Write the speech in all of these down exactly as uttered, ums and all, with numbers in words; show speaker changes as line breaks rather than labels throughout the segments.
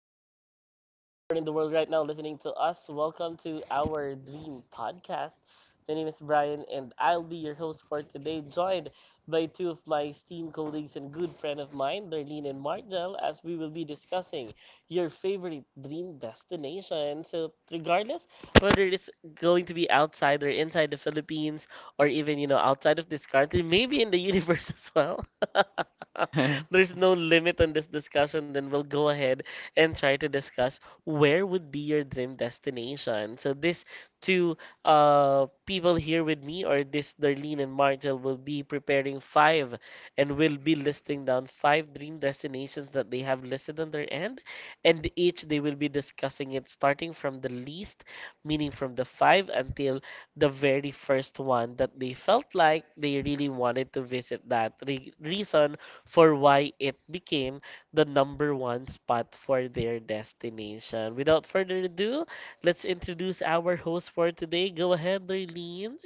where you are in the world right now listening to us, welcome to our dream podcast. My name is Brian, and I'll be your host for today, joined by two of my esteemed colleagues and good friend of mine, Darlene and Margel, as we will be discussing your favorite dream destination. So, regardless whether it's going to be outside or inside the Philippines, or even, you know, outside of this country, maybe in the universe as well. There's no limit on this discussion, then we'll go ahead and try to discuss where would be your dream destination. So these two uh people here with me or this Darlene and Martel will be preparing five and will be listing down five dream destinations that they have listed on their end and each they will be discussing it starting from the least, meaning from the five until the very first one that they felt like they really wanted to visit that. Re- reason for why it became the number one spot for their destination. Without further ado, let's introduce our host for today. Go ahead, Darlene.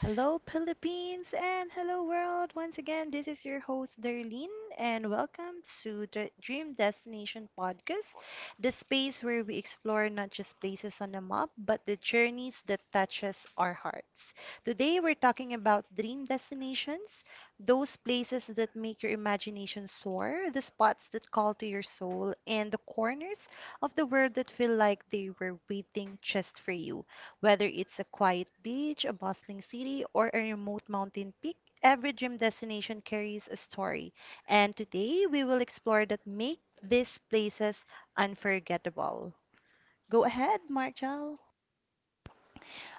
Hello, Philippines, and hello, world. Once again, this is your host, Darlene, and welcome to the Dream Destination Podcast, the space where we explore not just places on the map, but the journeys that touches our hearts. Today, we're talking about dream destinations, those places that make your imagination soar, the spots that call to your soul, and the corners of the world that feel like they were waiting just for you. Whether it's a quiet beach, a bustling city, or a remote mountain peak, every dream destination carries a story. And today we will explore that make these places unforgettable. Go ahead, Marshall.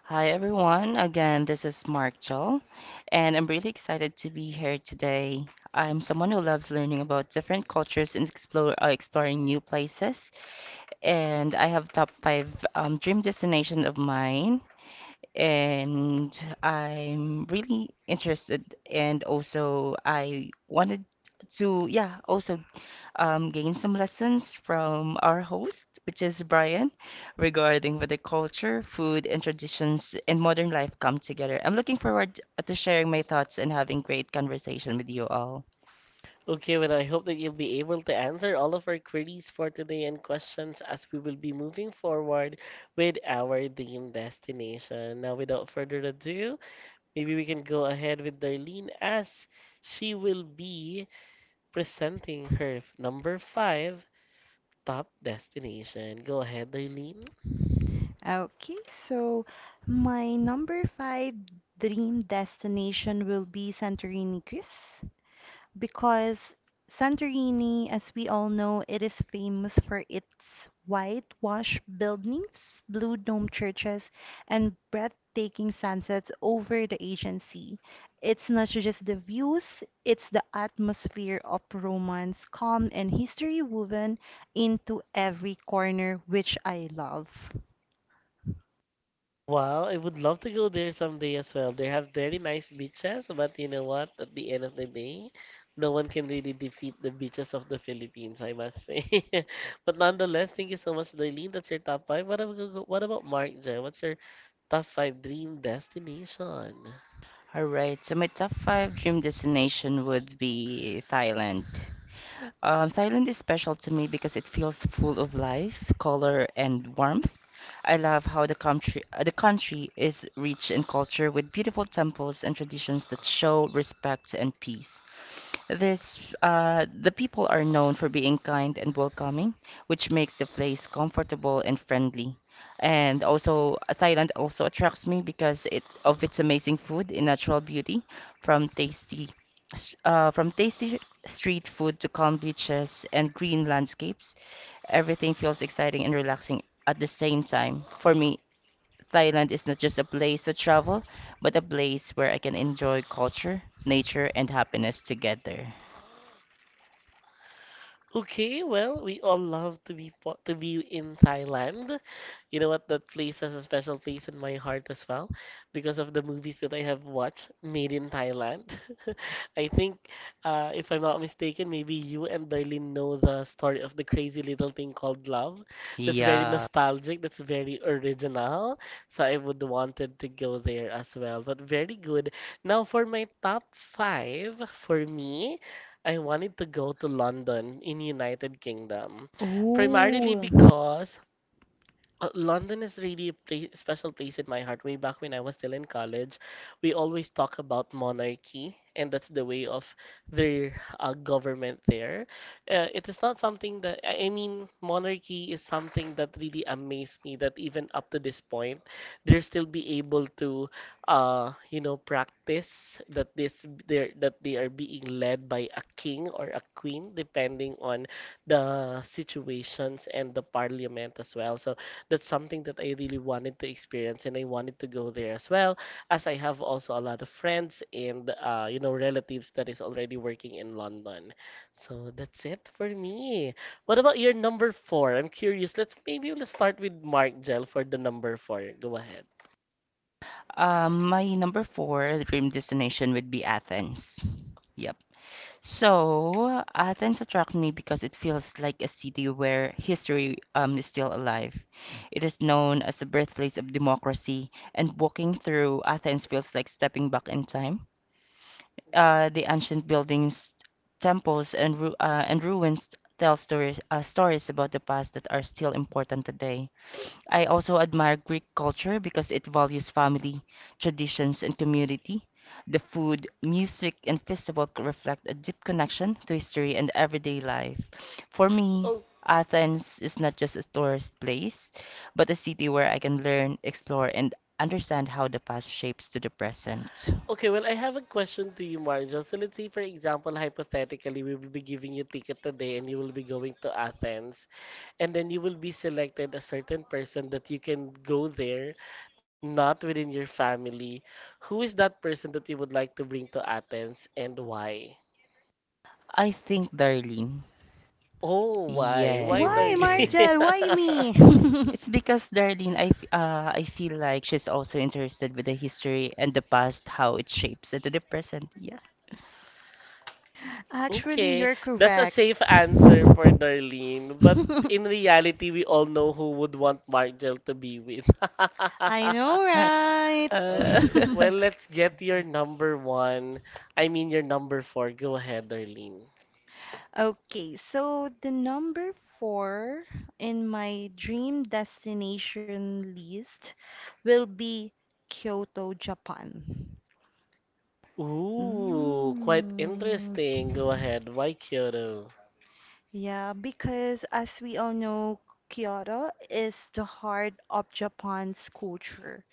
Hi everyone. Again, this is Mark Joel, and I'm really excited to be here today. I'm someone who loves learning about different cultures and explore, uh, exploring new places, and I have top five um, dream destination of mine, and I'm really interested, and also I wanted to, yeah, also um, gain some lessons from our host, which is Brian, regarding where the culture, food, and traditions in modern life come together. I'm looking forward to sharing my thoughts and having great conversation with you all.
Okay, well, I hope that you'll be able to answer all of our queries for today and questions as we will be moving forward with our dream destination. Now, without further ado, maybe we can go ahead with Darlene as she will be presenting her f- number five top destination. Go ahead, Darlene.
Okay, so my number five dream destination will be Santorini, Greece, because Santorini, as we all know, it is famous for its whitewashed buildings, blue dome churches, and breathtaking sunsets over the Aegean Sea. It's not just the views, it's the atmosphere of romance, calm, and history woven into every corner, which I love.
Well, I would love to go there someday as well. They have very nice beaches, but you know what? At the end of the day, no one can really defeat the beaches of the Philippines, I must say. But nonetheless, thank you so much, Darlene. That's your top five. What about, what about Mark J? What's your top five dream destination?
All right, so my top five dream destination would be Thailand. Um, Thailand is special to me because it feels full of life, color, and warmth. I love how the country uh, the country is rich in culture with beautiful temples and traditions that show respect and peace. This, uh, the people are known for being kind and welcoming, which makes the place comfortable and friendly. And also, uh, Thailand also attracts me because it of its amazing food and natural beauty, from tasty, s- uh, from tasty street food to calm beaches and green landscapes. Everything feels exciting and relaxing at the same time. For me, Thailand is not just a place to travel, but a place where I can enjoy culture, nature, and happiness together.
Okay, well, we all love to be po- to be in Thailand. You know what? That place has a special place in my heart as well because of the movies that I have watched made in Thailand. I think, uh, if I'm not mistaken, maybe you and Darlene know the story of The Crazy Little Thing Called Love. That's very
Yeah.
nostalgic, that's very original. So I would wanted to go there as well. But very good. Now for my top five, for me, I wanted to go to London in United Kingdom. Primarily
Ooh.
because uh, London is really a pla- special place in my heart. Way back when I was still in college, we always talk about monarchy, and that's the way of their uh, government there. Uh, it is not something that, I I mean, monarchy is something that really amazed me that even up to this point, they're still be able to, uh, you know, practice that this they're, that they are being led by a king or a queen, depending on the situations and the parliament as well. So that's something that I really wanted to experience and I wanted to go there as well as I have also a lot of friends and uh, you know relatives that is already working in London. So that's it for me. What about your number four? I'm curious. Let's maybe let's start with Mark Gel for the number four. Go ahead.
Um, my number four dream destination would be Athens. Yep. So Athens attracts me because it feels like a city where history um, is still alive. It is known as the birthplace of democracy, and walking through Athens feels like stepping back in time. Uh, the ancient buildings, temples, and ru uh, and ruins tell stories uh, stories about the past that are still important today. I also admire Greek culture because it values family, traditions, and community. The food, music, and festival c- reflect a deep connection to history and everyday life. For me,
Oh,
Athens is not just a tourist place, but a city where I can learn, explore, and understand how the past shapes to the present.
okay. Well, I have a question to you, Marjol. So let's say, for example, hypothetically, we will be giving you ticket today, and you will be going to Athens. And then you will be selected a certain person that you can go there, not within your family. Who is that person that you would like to bring to Athens and why?
I think, Darlene.
Oh, why? Why,
Why,
Darlene?
Yes.
Margel? Why me?
It's because Darlene, I, f- uh, I feel like she's also interested with the history and the past, how it shapes into the present. Yeah.
Actually,
Okay,
you're
that's a
correct.
safe answer for Darlene, but in reality, we all know who would want Margel to be with.
I know, right?
Uh,
Okay, well, let's get your number one. I mean, your number four. Go ahead, Darlene.
Okay, so the number four in my dream destination list will be Kyoto, Japan.
Ooh, quite
Mm.
interesting. Go ahead. Why Kyoto?
Yeah, because as we all know, Kyoto is the heart of Japan's culture,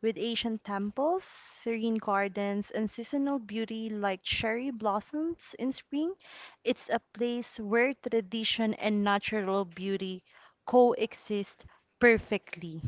with ancient temples, serene gardens, and seasonal beauty like cherry blossoms in spring. It's a place where tradition and natural beauty coexist perfectly.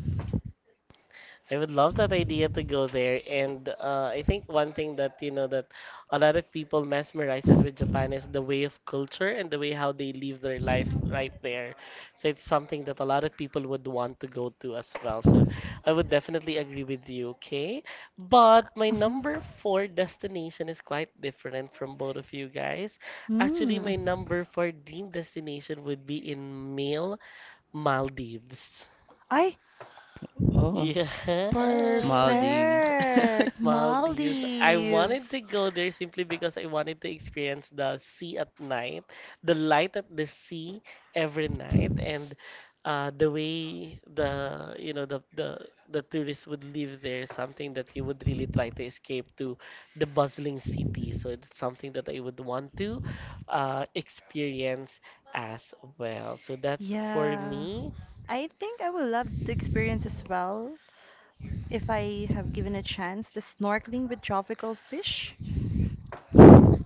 I would love that idea to go there. And uh, I think one thing that, you know, that a lot of people mesmerizes with Japan is the way of culture and the way how they live their lives right there. So it's something that a lot of people would want to go to as well. So I would definitely agree with you, okay? But my
Mhm.
number four destination is quite different from both of you guys. Actually,
Mm.
my number four dream destination would be in Male Maldives.
I
oh,
Yeah.
Maldives.
perfect
Maldives. I
Maldives.
wanted to go there simply because I wanted to experience the sea at night, the light at the sea every night, and uh, the way the you know the the the tourists would live there, something that you would really try to escape to the bustling city. So it's something that I would want to uh, experience as well. So that's for
Yeah.
me.
I think I would love to experience as well if I have given a chance the snorkeling with tropical fish.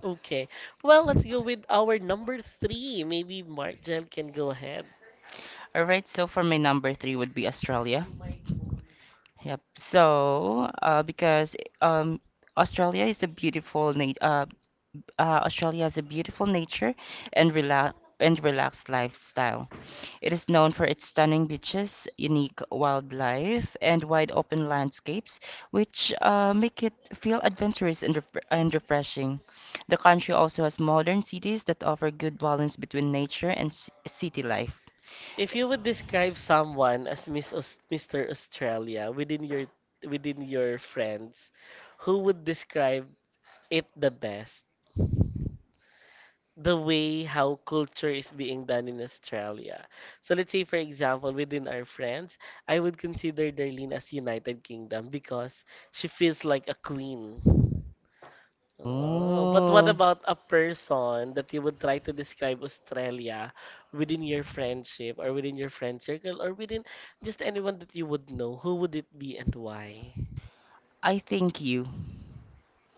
Okay. Well, let's go with our number three. Maybe Mark Jen can go ahead.
All right, so for my number three would be Australia. Yep. So, uh, because um, Australia is a beautiful nat uh, uh, Australia has a beautiful nature and rela and relaxed lifestyle. It is known for its stunning beaches, unique wildlife, and wide open landscapes, which uh, make it feel adventurous and, ref and refreshing. The country also has modern cities that offer good balance between nature and c city life.
If you would describe someone as Miss Aus- Mister Australia within your within your friends, who would describe it the best? The way how culture is being done in Australia. So let's say for example within our friends, I would consider Darlene as United Kingdom because she feels like a queen. Oh, but what
Oh.
about a person that you would try to describe Australia within your friendship or within your friend circle or within just anyone that you would know? Who would it be and why?
I think you.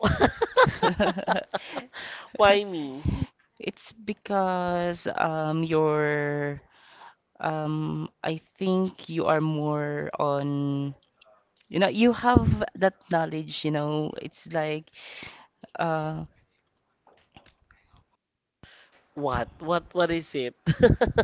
Why me?
It's because um you're um I think you are more on you know you have that knowledge you know it's like uh
What? What? What is it?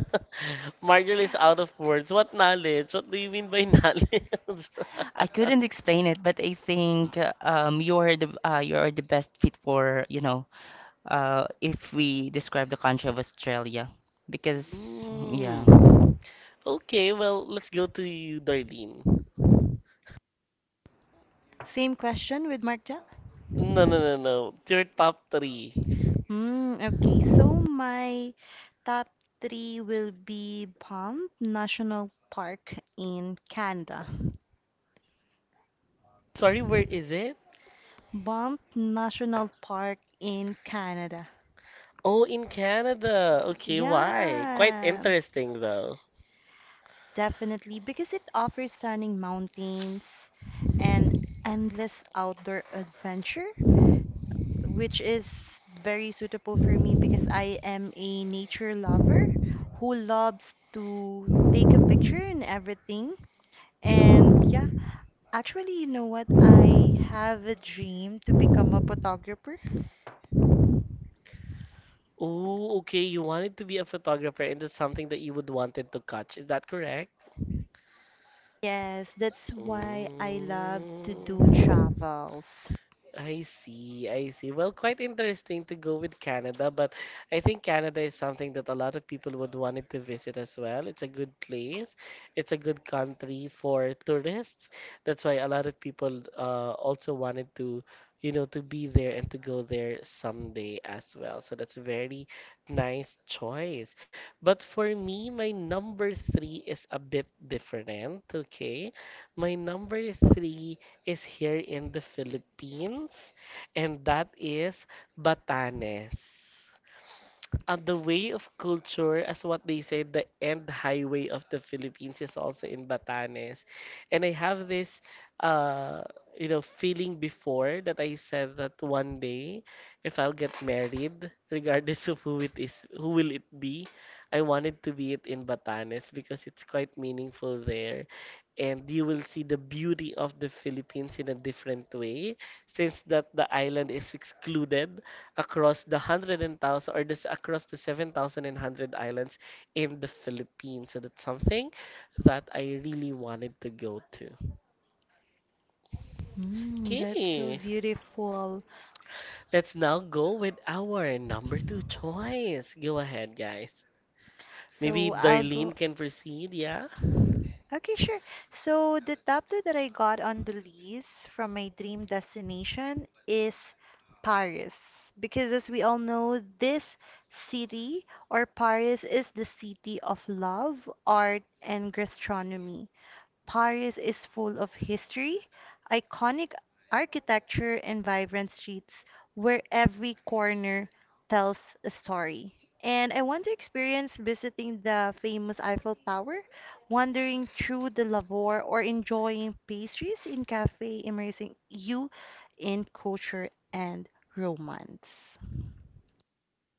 Marjorie is out of words. What knowledge? What do you mean by knowledge?
I couldn't explain it but I think uh, um you are the uh, you are the best fit for you know uh if we describe the country of Australia because yeah.
Mm. Okay, well, let's go to you, Darlene.
Same question with Mark Jell.
No, no, no, no. Your top three.
Mm, okay, so my top three will be Banff National Park in Canada.
Sorry, where is it?
Banff National Park in Canada.
Oh, in Canada. Okay, why? Quite
Yeah,
interesting though.
definitely because it offers stunning mountains and endless outdoor adventure, which is very suitable for me because I am a nature lover who loves to take a picture and everything. And yeah, actually, you know what? I have a dream to become a photographer.
Oh, okay. You wanted to be a photographer, and that's something that you would wanted to catch. Is that correct?
Yes, that's why I love to do
Mm.
travels.
I see, I see. Well, quite interesting to go with Canada, but I think Canada is something that a lot of people would want it to visit as well. It's a good place. It's a good country for tourists. That's why a lot of people uh, also wanted to, you know, to be there and to go there someday as well. So that's a very nice choice. But for me, my number three is a bit different, okay? My number three is here in the Philippines, and that is Batanes. And the way of culture, as what they say, the end highway of the Philippines is also in Batanes. And I have this, uh, you know, feeling before that I said that one day, if I'll get married, regardless of who it is, who will it be, I wanted to be it in Batanes because it's quite meaningful there. And you will see the beauty of the Philippines in a different way, since that the island is excluded across the hundred and thousand or this across the seven thousand and hundred islands in the Philippines. So that's something that I really wanted to go to.
Mm, that's so
Okay,
beautiful.
let's now go with our number two choice. Go ahead, guys. Maybe
So I'll
Darlene
go.
can proceed, yeah?
Okay, sure. So the top two that I got on the list from my dream destination is Paris. Because as we all know, this city or Paris is the city of love, art, and gastronomy. Paris is full of history, iconic architecture, and vibrant streets where every corner tells a story. And I want to experience visiting the famous Eiffel Tower, wandering through the Lavore, or enjoying pastries in cafe, immersing you in culture and romance.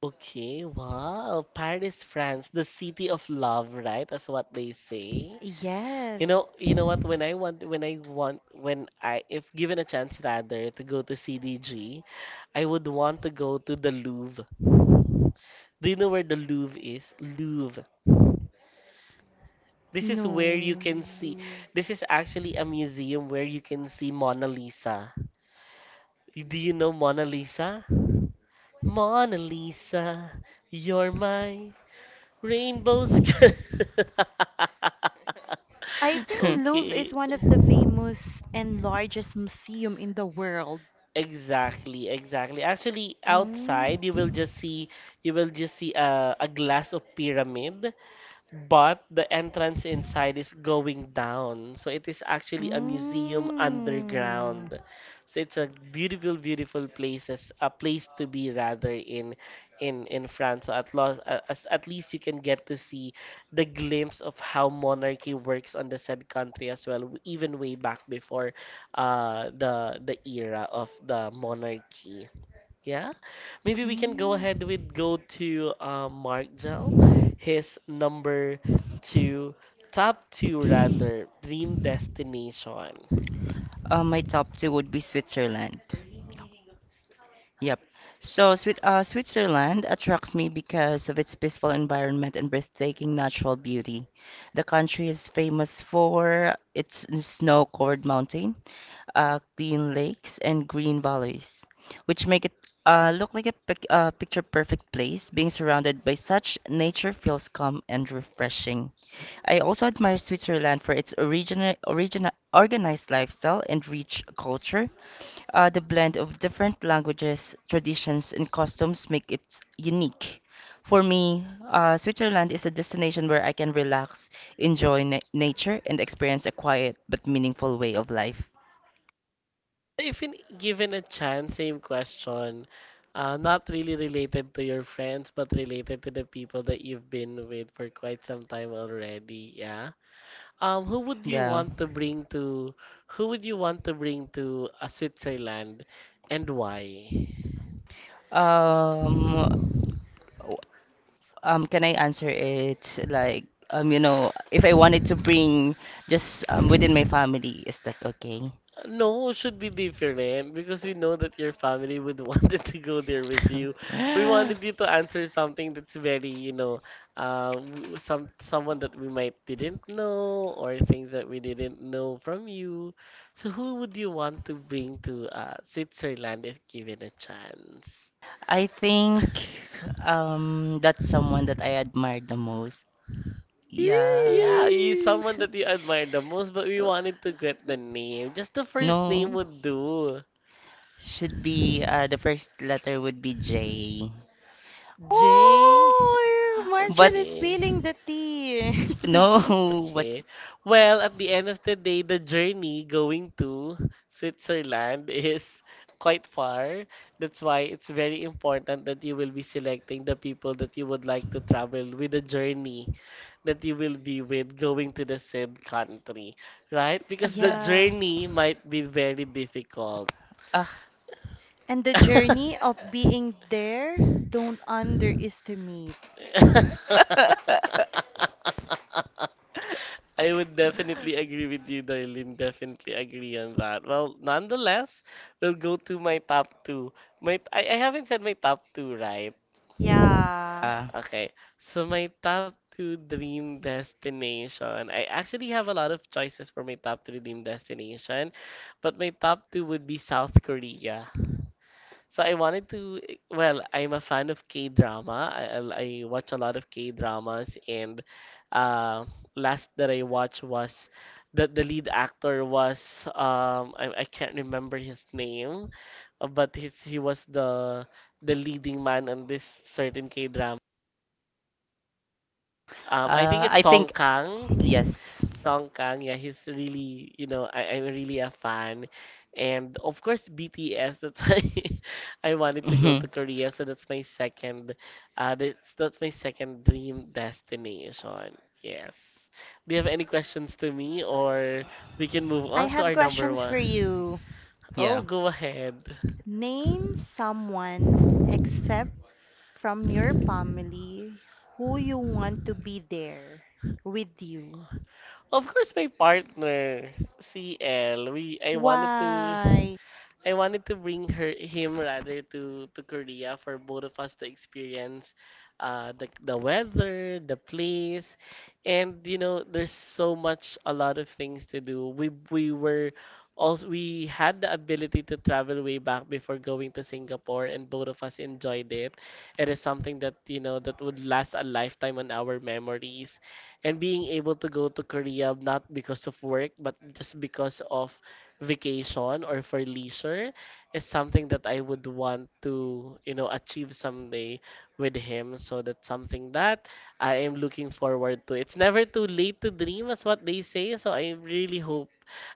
Okay, wow. Paris, France, the city of love, right? That's what they say.
Yes.
You know, you know what? When I want, when I want, when I, if given a chance rather to go to C D G, I would want to go to the Louvre. Do you know where the Louvre is? Louvre. This is
No.
where you can see. This is actually a museum where you can see Mona Lisa. Do you know Mona Lisa? Mona Lisa, you're my rainbow sky.
I think Louvre
Okay.
is one of the famous and largest museum in the world.
Exactly, exactly. Actually,
Mm.
outside you will just see you will just see a, a glass of pyramid but the entrance inside is going down. So it is actually a museum
Mm.
underground. So it's a beautiful, beautiful places, a place to be rather in in in France. So at least as at least you can get to see the glimpse of how monarchy works on the said country as well, w- even way back before uh the the era of the monarchy. Yeah, maybe we can go
Mm.
ahead with go to uh, Mark Jal, his number two, top two rather, dream destination.
uh, My top two would be Switzerland. Yep. So Swi- uh, Switzerland attracts me because of its peaceful environment and breathtaking natural beauty. The country is famous for its snow-covered mountain, uh, clean lakes, and green valleys, which make it uh, look like a pic- uh, picture perfect place. Being surrounded by such nature feels calm and refreshing. I also admire Switzerland for its original, original, organized lifestyle and rich culture. Uh, the blend of different languages, traditions, and customs make it unique. For me, uh, Switzerland is a destination where I can relax, enjoy na- nature, and experience a quiet but meaningful way of life.
If in, given a chance, same question, uh, not really related to your friends, but related to the people that you've been with for quite some time already, yeah. Um, who would you
Yeah.
want to bring to, who would you want to bring to uh, Switzerland, and why?
Um, w- um, can I answer it like um, you know, if I wanted to bring just um within my family, is that okay?
No, it should be different because we know that your family would wanted to go there with you. We wanted you to answer something that's very, you know, uh, w- some someone that we might didn't know or things that we didn't know from you. So who would you want to bring to uh, Switzerland if given a chance?
I think um that's someone that I admire the most. Yeah.
Yeah, he's
Yay!
someone that you admire the most, but we wanted to get the name. Just the first name
No,
would do.
should be uh, the first letter would be J.
J.
Oh,
But
Marshall is
Okay.
spilling the tea.
no, what?
Okay, well, at the end of the day, the journey going to Switzerland is quite far. That's why it's very important that you will be selecting the people that you would like to travel with, the journey that you will be with going to the said country, right? Because the
Yeah.
journey might be very difficult.
Uh,
And the journey of being there, don't underestimate.
I would definitely agree with you, Darlene. Definitely agree on that. Well, nonetheless, we'll go to my top two. My I, I haven't said my top two, right?
Yeah.
uh,
Okay, so my top two dream destination. I actually have a lot of choices for my top three dream destination, but my top two would be South Korea. So I wanted to, well, I'm a fan of K-drama. I, I I watch a lot of K-dramas, and uh, last that I watched was the the lead actor was um I, I can't remember his name, uh, but he's, he was the the leading man on this certain K-drama. Um, I think
uh,
it's
I
Song
think
Kang.
yes.
Song Kang, yeah, he's really, you know, I, I'm really a fan. And of course, B T S, that's why I wanted to go
Mhm.
to Korea. So that's my second, uh, that's, that's my second dream destination. Yes. Do you have any questions to me, or we can move
I
on to
have
our number
questions for
one?
you.
Oh,
Yeah.
go ahead.
Name someone except from your family who you want to be there with you.
Of course, my partner, C L. We, I wanted to.
Why?
I wanted to bring her him rather to to Korea for both of us to experience uh the the weather, the place, and you know there's so much a lot of things to do. We we were also we had the ability to travel way back before going to Singapore, and both of us enjoyed it. It is something that you know that would last a lifetime on our memories. And being able to go to Korea not because of work but just because of vacation or for leisure is something that I would want to, you know, achieve someday with him. So that's something that I am looking forward to. It's never too late to dream, is what they say. So I really hope,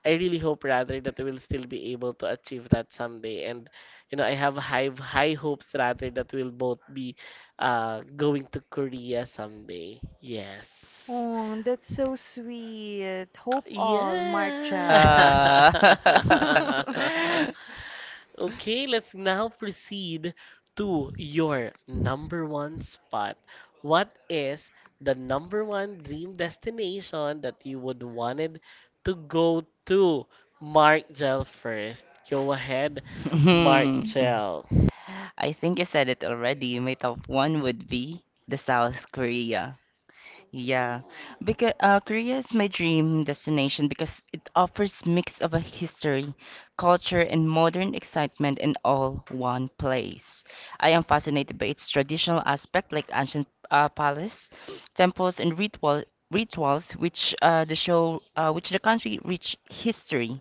I really hope rather that I will still be able to achieve that someday. And, you know, I have high, high hopes rather that we'll both be uh, going to Korea someday. Yes.
Oh, that's so sweet. Hope all,
Yeah.
Marshall.
Uh,
Okay, let's now proceed to your number one spot. What is the number one dream destination that you would wanted to go to? Mark Gel first. Go ahead, Mark
mhm.
Gel.
I think you said it already. My top one would be the South Korea. Yeah, because uh, Korea is my dream destination because it offers mix of a history, culture, and modern excitement in all one place. I am fascinated by its traditional aspect, like ancient uh, palace, temples, and ritual rituals, which uh, the show, uh, which the country rich history.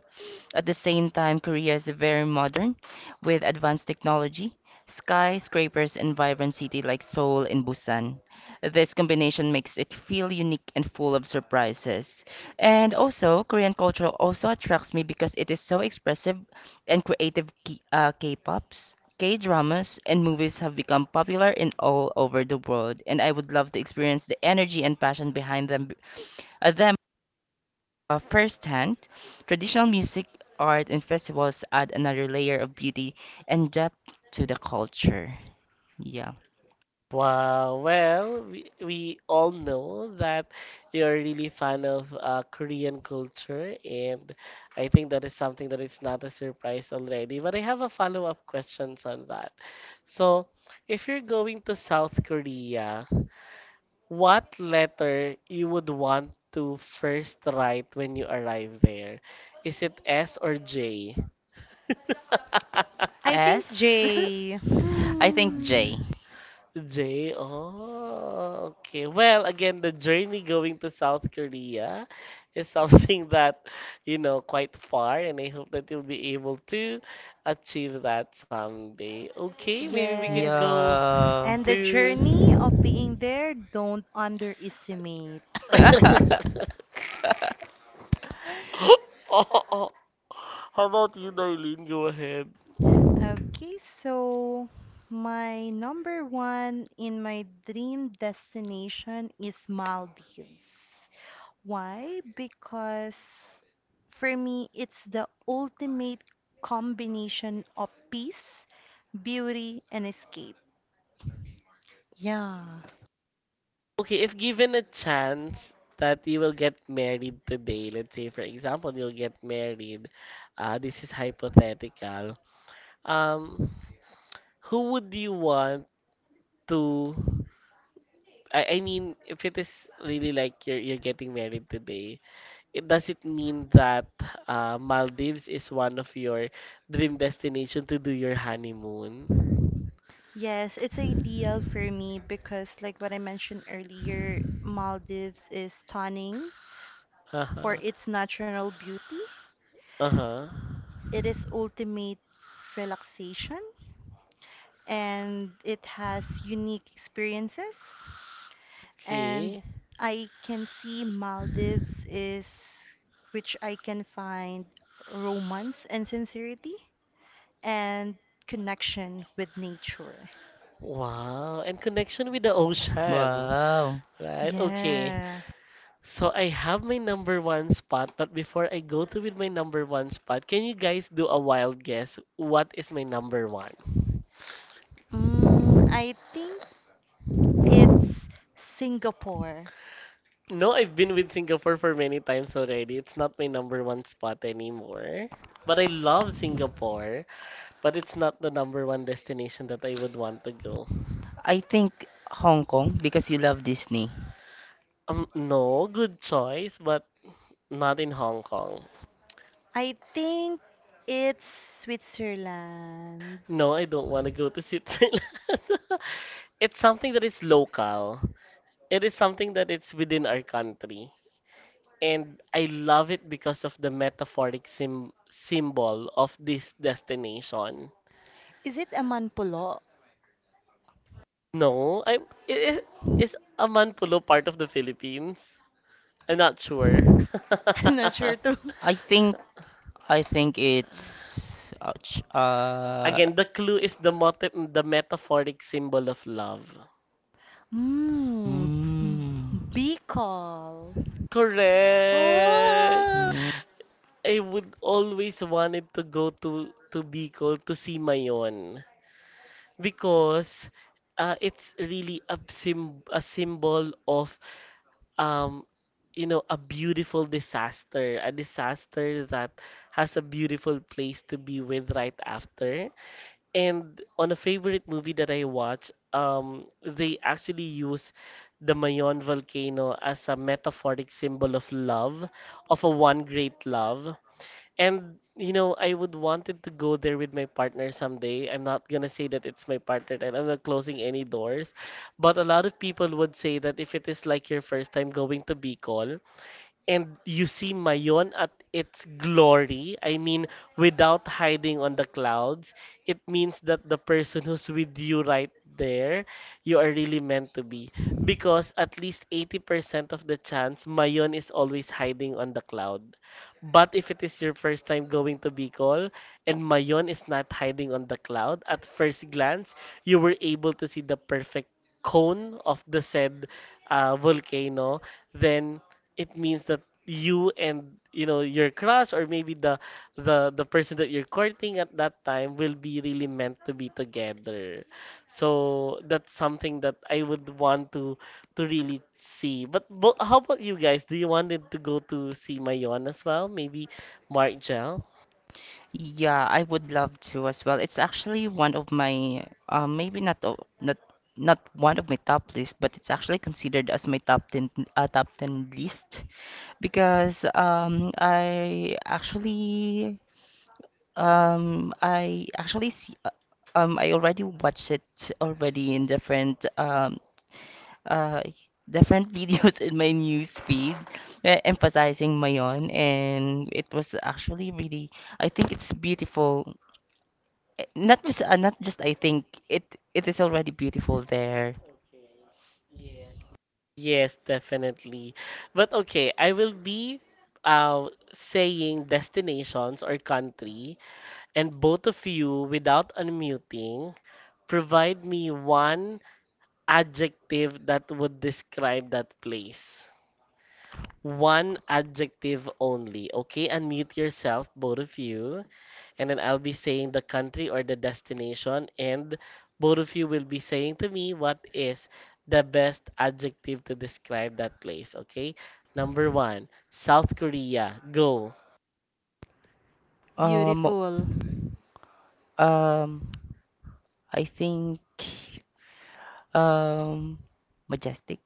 At the same time, Korea is very modern, with advanced technology, skyscrapers, and vibrant city like Seoul and Busan. This combination makes it feel unique and full of surprises. And also, Korean culture also attracts me because it is so expressive and creative. K- uh, K-pops, K-dramas, and movies have become popular in all over the world, and I would love to experience the energy and passion behind them, uh, them uh, firsthand. Traditional music, art, and festivals add another layer of beauty and depth to the culture. Yeah.
Wow, well, we, we all know that you're really fan of uh, Korean culture, and I think that is something that is not a surprise already. But I have a follow-up questions on that. So, if you're going to South Korea, what letter you would want to first write when you arrive there? Is it S or J?
I think
S.
Jay.
I think
Hmm.
J.
J. Oh, okay. Well, again, the journey going to South Korea is something that, you know, quite far, and I hope that you'll be able to achieve that someday. Okay, maybe we
Yes.
can go
Yeah.
And the journey of
to.
being there, don't underestimate.
How about you, Darlene? Go ahead.
Okay, so my number one in my dream destination is Maldives. Why? Because for me, it's the ultimate combination of peace, beauty, and escape. Yeah.
Okay, if given a chance that you will get married today, let's say for example you'll get married, uh, this is hypothetical. Um, who would you want to? I, I mean, if it is really like you're you're getting married today, it does it mean that uh, Maldives is one of your dream destination to do your honeymoon?
Yes, it's ideal for me because, like what I mentioned earlier, Maldives is stunning
Uh
for
huh.
its natural beauty.
Uh huh.
It is ultimate relaxation and it has unique experiences. And
Okay.
I can see Maldives is which I can find romance and sincerity and connection with nature.
Wow, and connection with the ocean,
Wow.
right? Okay,
Yeah.
so I have my number one spot, but before I go to with my number one spot, can you guys do a wild guess? What is my number one?
Mm, I think it's Singapore.
No, I've been with Singapore for many times already. It's not my number one spot anymore. But I love Singapore, but it's not the number one destination that I would want to go.
I think Hong Kong because you love Disney.
Um, no, good choice, but not in Hong Kong.
I think it's Switzerland.
No, I don't want to go to Switzerland. It's something that is local. It is something that it's within our country. And I love it because of the metaphoric sim symbol of this destination.
Is it a manpulo?
No, I is is Amanpulo part of the Philippines? I'm not sure.
I'm not sure too.
I think I think it's ouch. Uh
Again, the clue is the motif, the metaphoric symbol of love.
Mmm,
mm,
Bicol.
Correct.
Oh,
mm.
I would always wanted to go to to Bicol to see Mayon, because uh, it's really a sim a symbol of um you know a beautiful disaster, a disaster that has a beautiful place to be with right after. And on a favorite movie that I watch, um they actually use the Mayon volcano as a metaphoric symbol of love, of a one great love. And you know, I would wanted to go there with my partner someday. I'm not gonna say that it's my partner and I'm not closing any doors. But a lot of people would say that if it is like your first time going to Bicol, and you see Mayon at its glory, I mean, without hiding on the clouds, it means that the person who's with you right there, you are really meant to be. Because at least eighty percent of the chance, Mayon is always hiding on the cloud. But if it is your first time going to Bicol and Mayon is not hiding on the cloud, at first glance, you were able to see the perfect cone of the said uh, volcano, then it means that you and you know your crush, or maybe the the the person that you're courting at that time will be really meant to be together. So that's something that I would want to to really see. but, but how about you guys, do you wanted to go to see Mayon as well, maybe Mark Gel?
Yeah, I would love to as well. It's actually one of my uh, maybe not o- not not one of my top list, but it's actually considered as my top ten uh, top ten list because um I actually Um, I actually see, uh, um, I already watched it already in different um, uh, different videos in my news feed, uh, emphasizing Mayon, and it was actually really, I think it's beautiful. Eh, Not just, uh, not just I think it it is already beautiful there.
Yes, definitely. But okay, I will be uh saying destinations or country. And both of you, without unmuting, provide me one adjective that would describe that place. One adjective only, okay? Unmute yourself, both of you. And then I'll be saying the country or the destination, and both of you will be saying to me what is the best adjective to describe that place, okay? Number one, South Korea. Go.
Um,
beautiful,
um, I think um, majestic.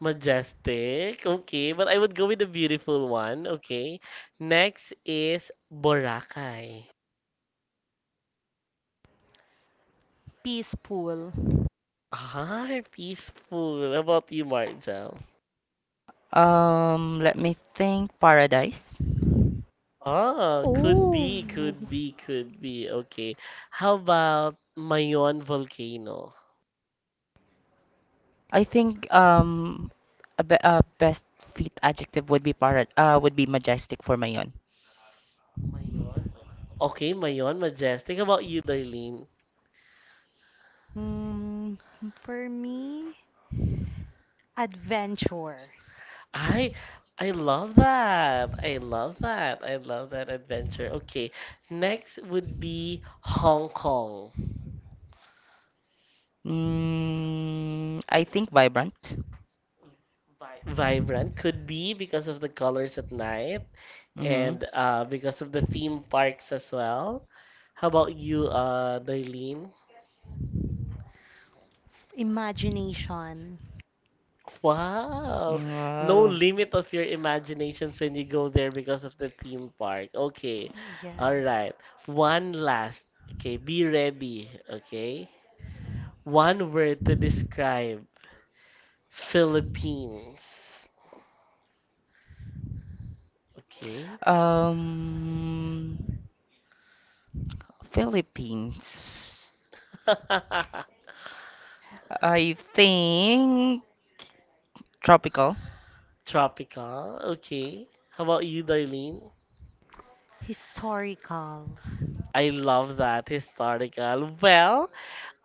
Majestic. Okay, but I would go with the beautiful one. Okay. Next is Boracay.
peaceful.
Ah, peaceful. How about you, Marjel?
Um, let me think, paradise.
Ah, could
Oh,
be, could be, could be. Okay. How about Mayon Volcano?
I think um a, be a best fit adjective would be para uh would be majestic for Mayon.
Okay, Mayon Majestic. How about you, Darlene?
mm, for me, adventure,
I I love that. I love that. I love that adventure. Okay. Next would be Hong Kong.
Mm, I think vibrant.
Vibrant could be because of the colors at night,
Mm-hmm.
and uh, because of the theme parks as well. How about you, uh, Darlene?
imagination.
Wow, no
Wow.
limit of your imaginations when you go there because of the theme park. Okay, all
Yes,
right. One last. Okay, be ready. Okay, one word to describe Philippines. Okay,
Um, Philippines. I think tropical.
tropical. Okay, how about you, Darlene?
historical.
I love that historical. Well,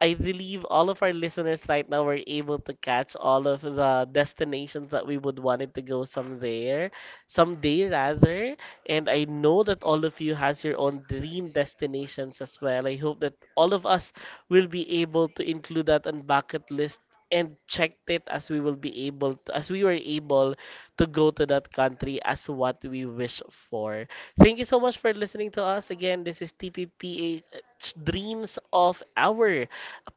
I believe all of our listeners right now were able to catch all of the destinations that we would wanted to go someday, someday rather. And I know that all of you has your own dream destinations as well. I hope that all of us will be able to include that on bucket list and checked it as we will be able to, as we were able to go to that country as what we wish for. Thank you so much for listening to us again. This is T P P H Dreams of Our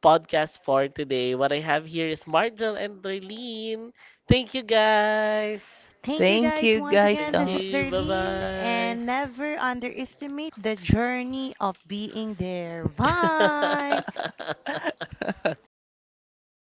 podcast for today. What I have here is Marjel and Darlene. Thank you guys.
Thank you
Thank
guys
you
once
guys
again.
Thank
This
so.
is
you.
Darlene,
Bye
and never underestimate the journey of being there.
bye.
Bye.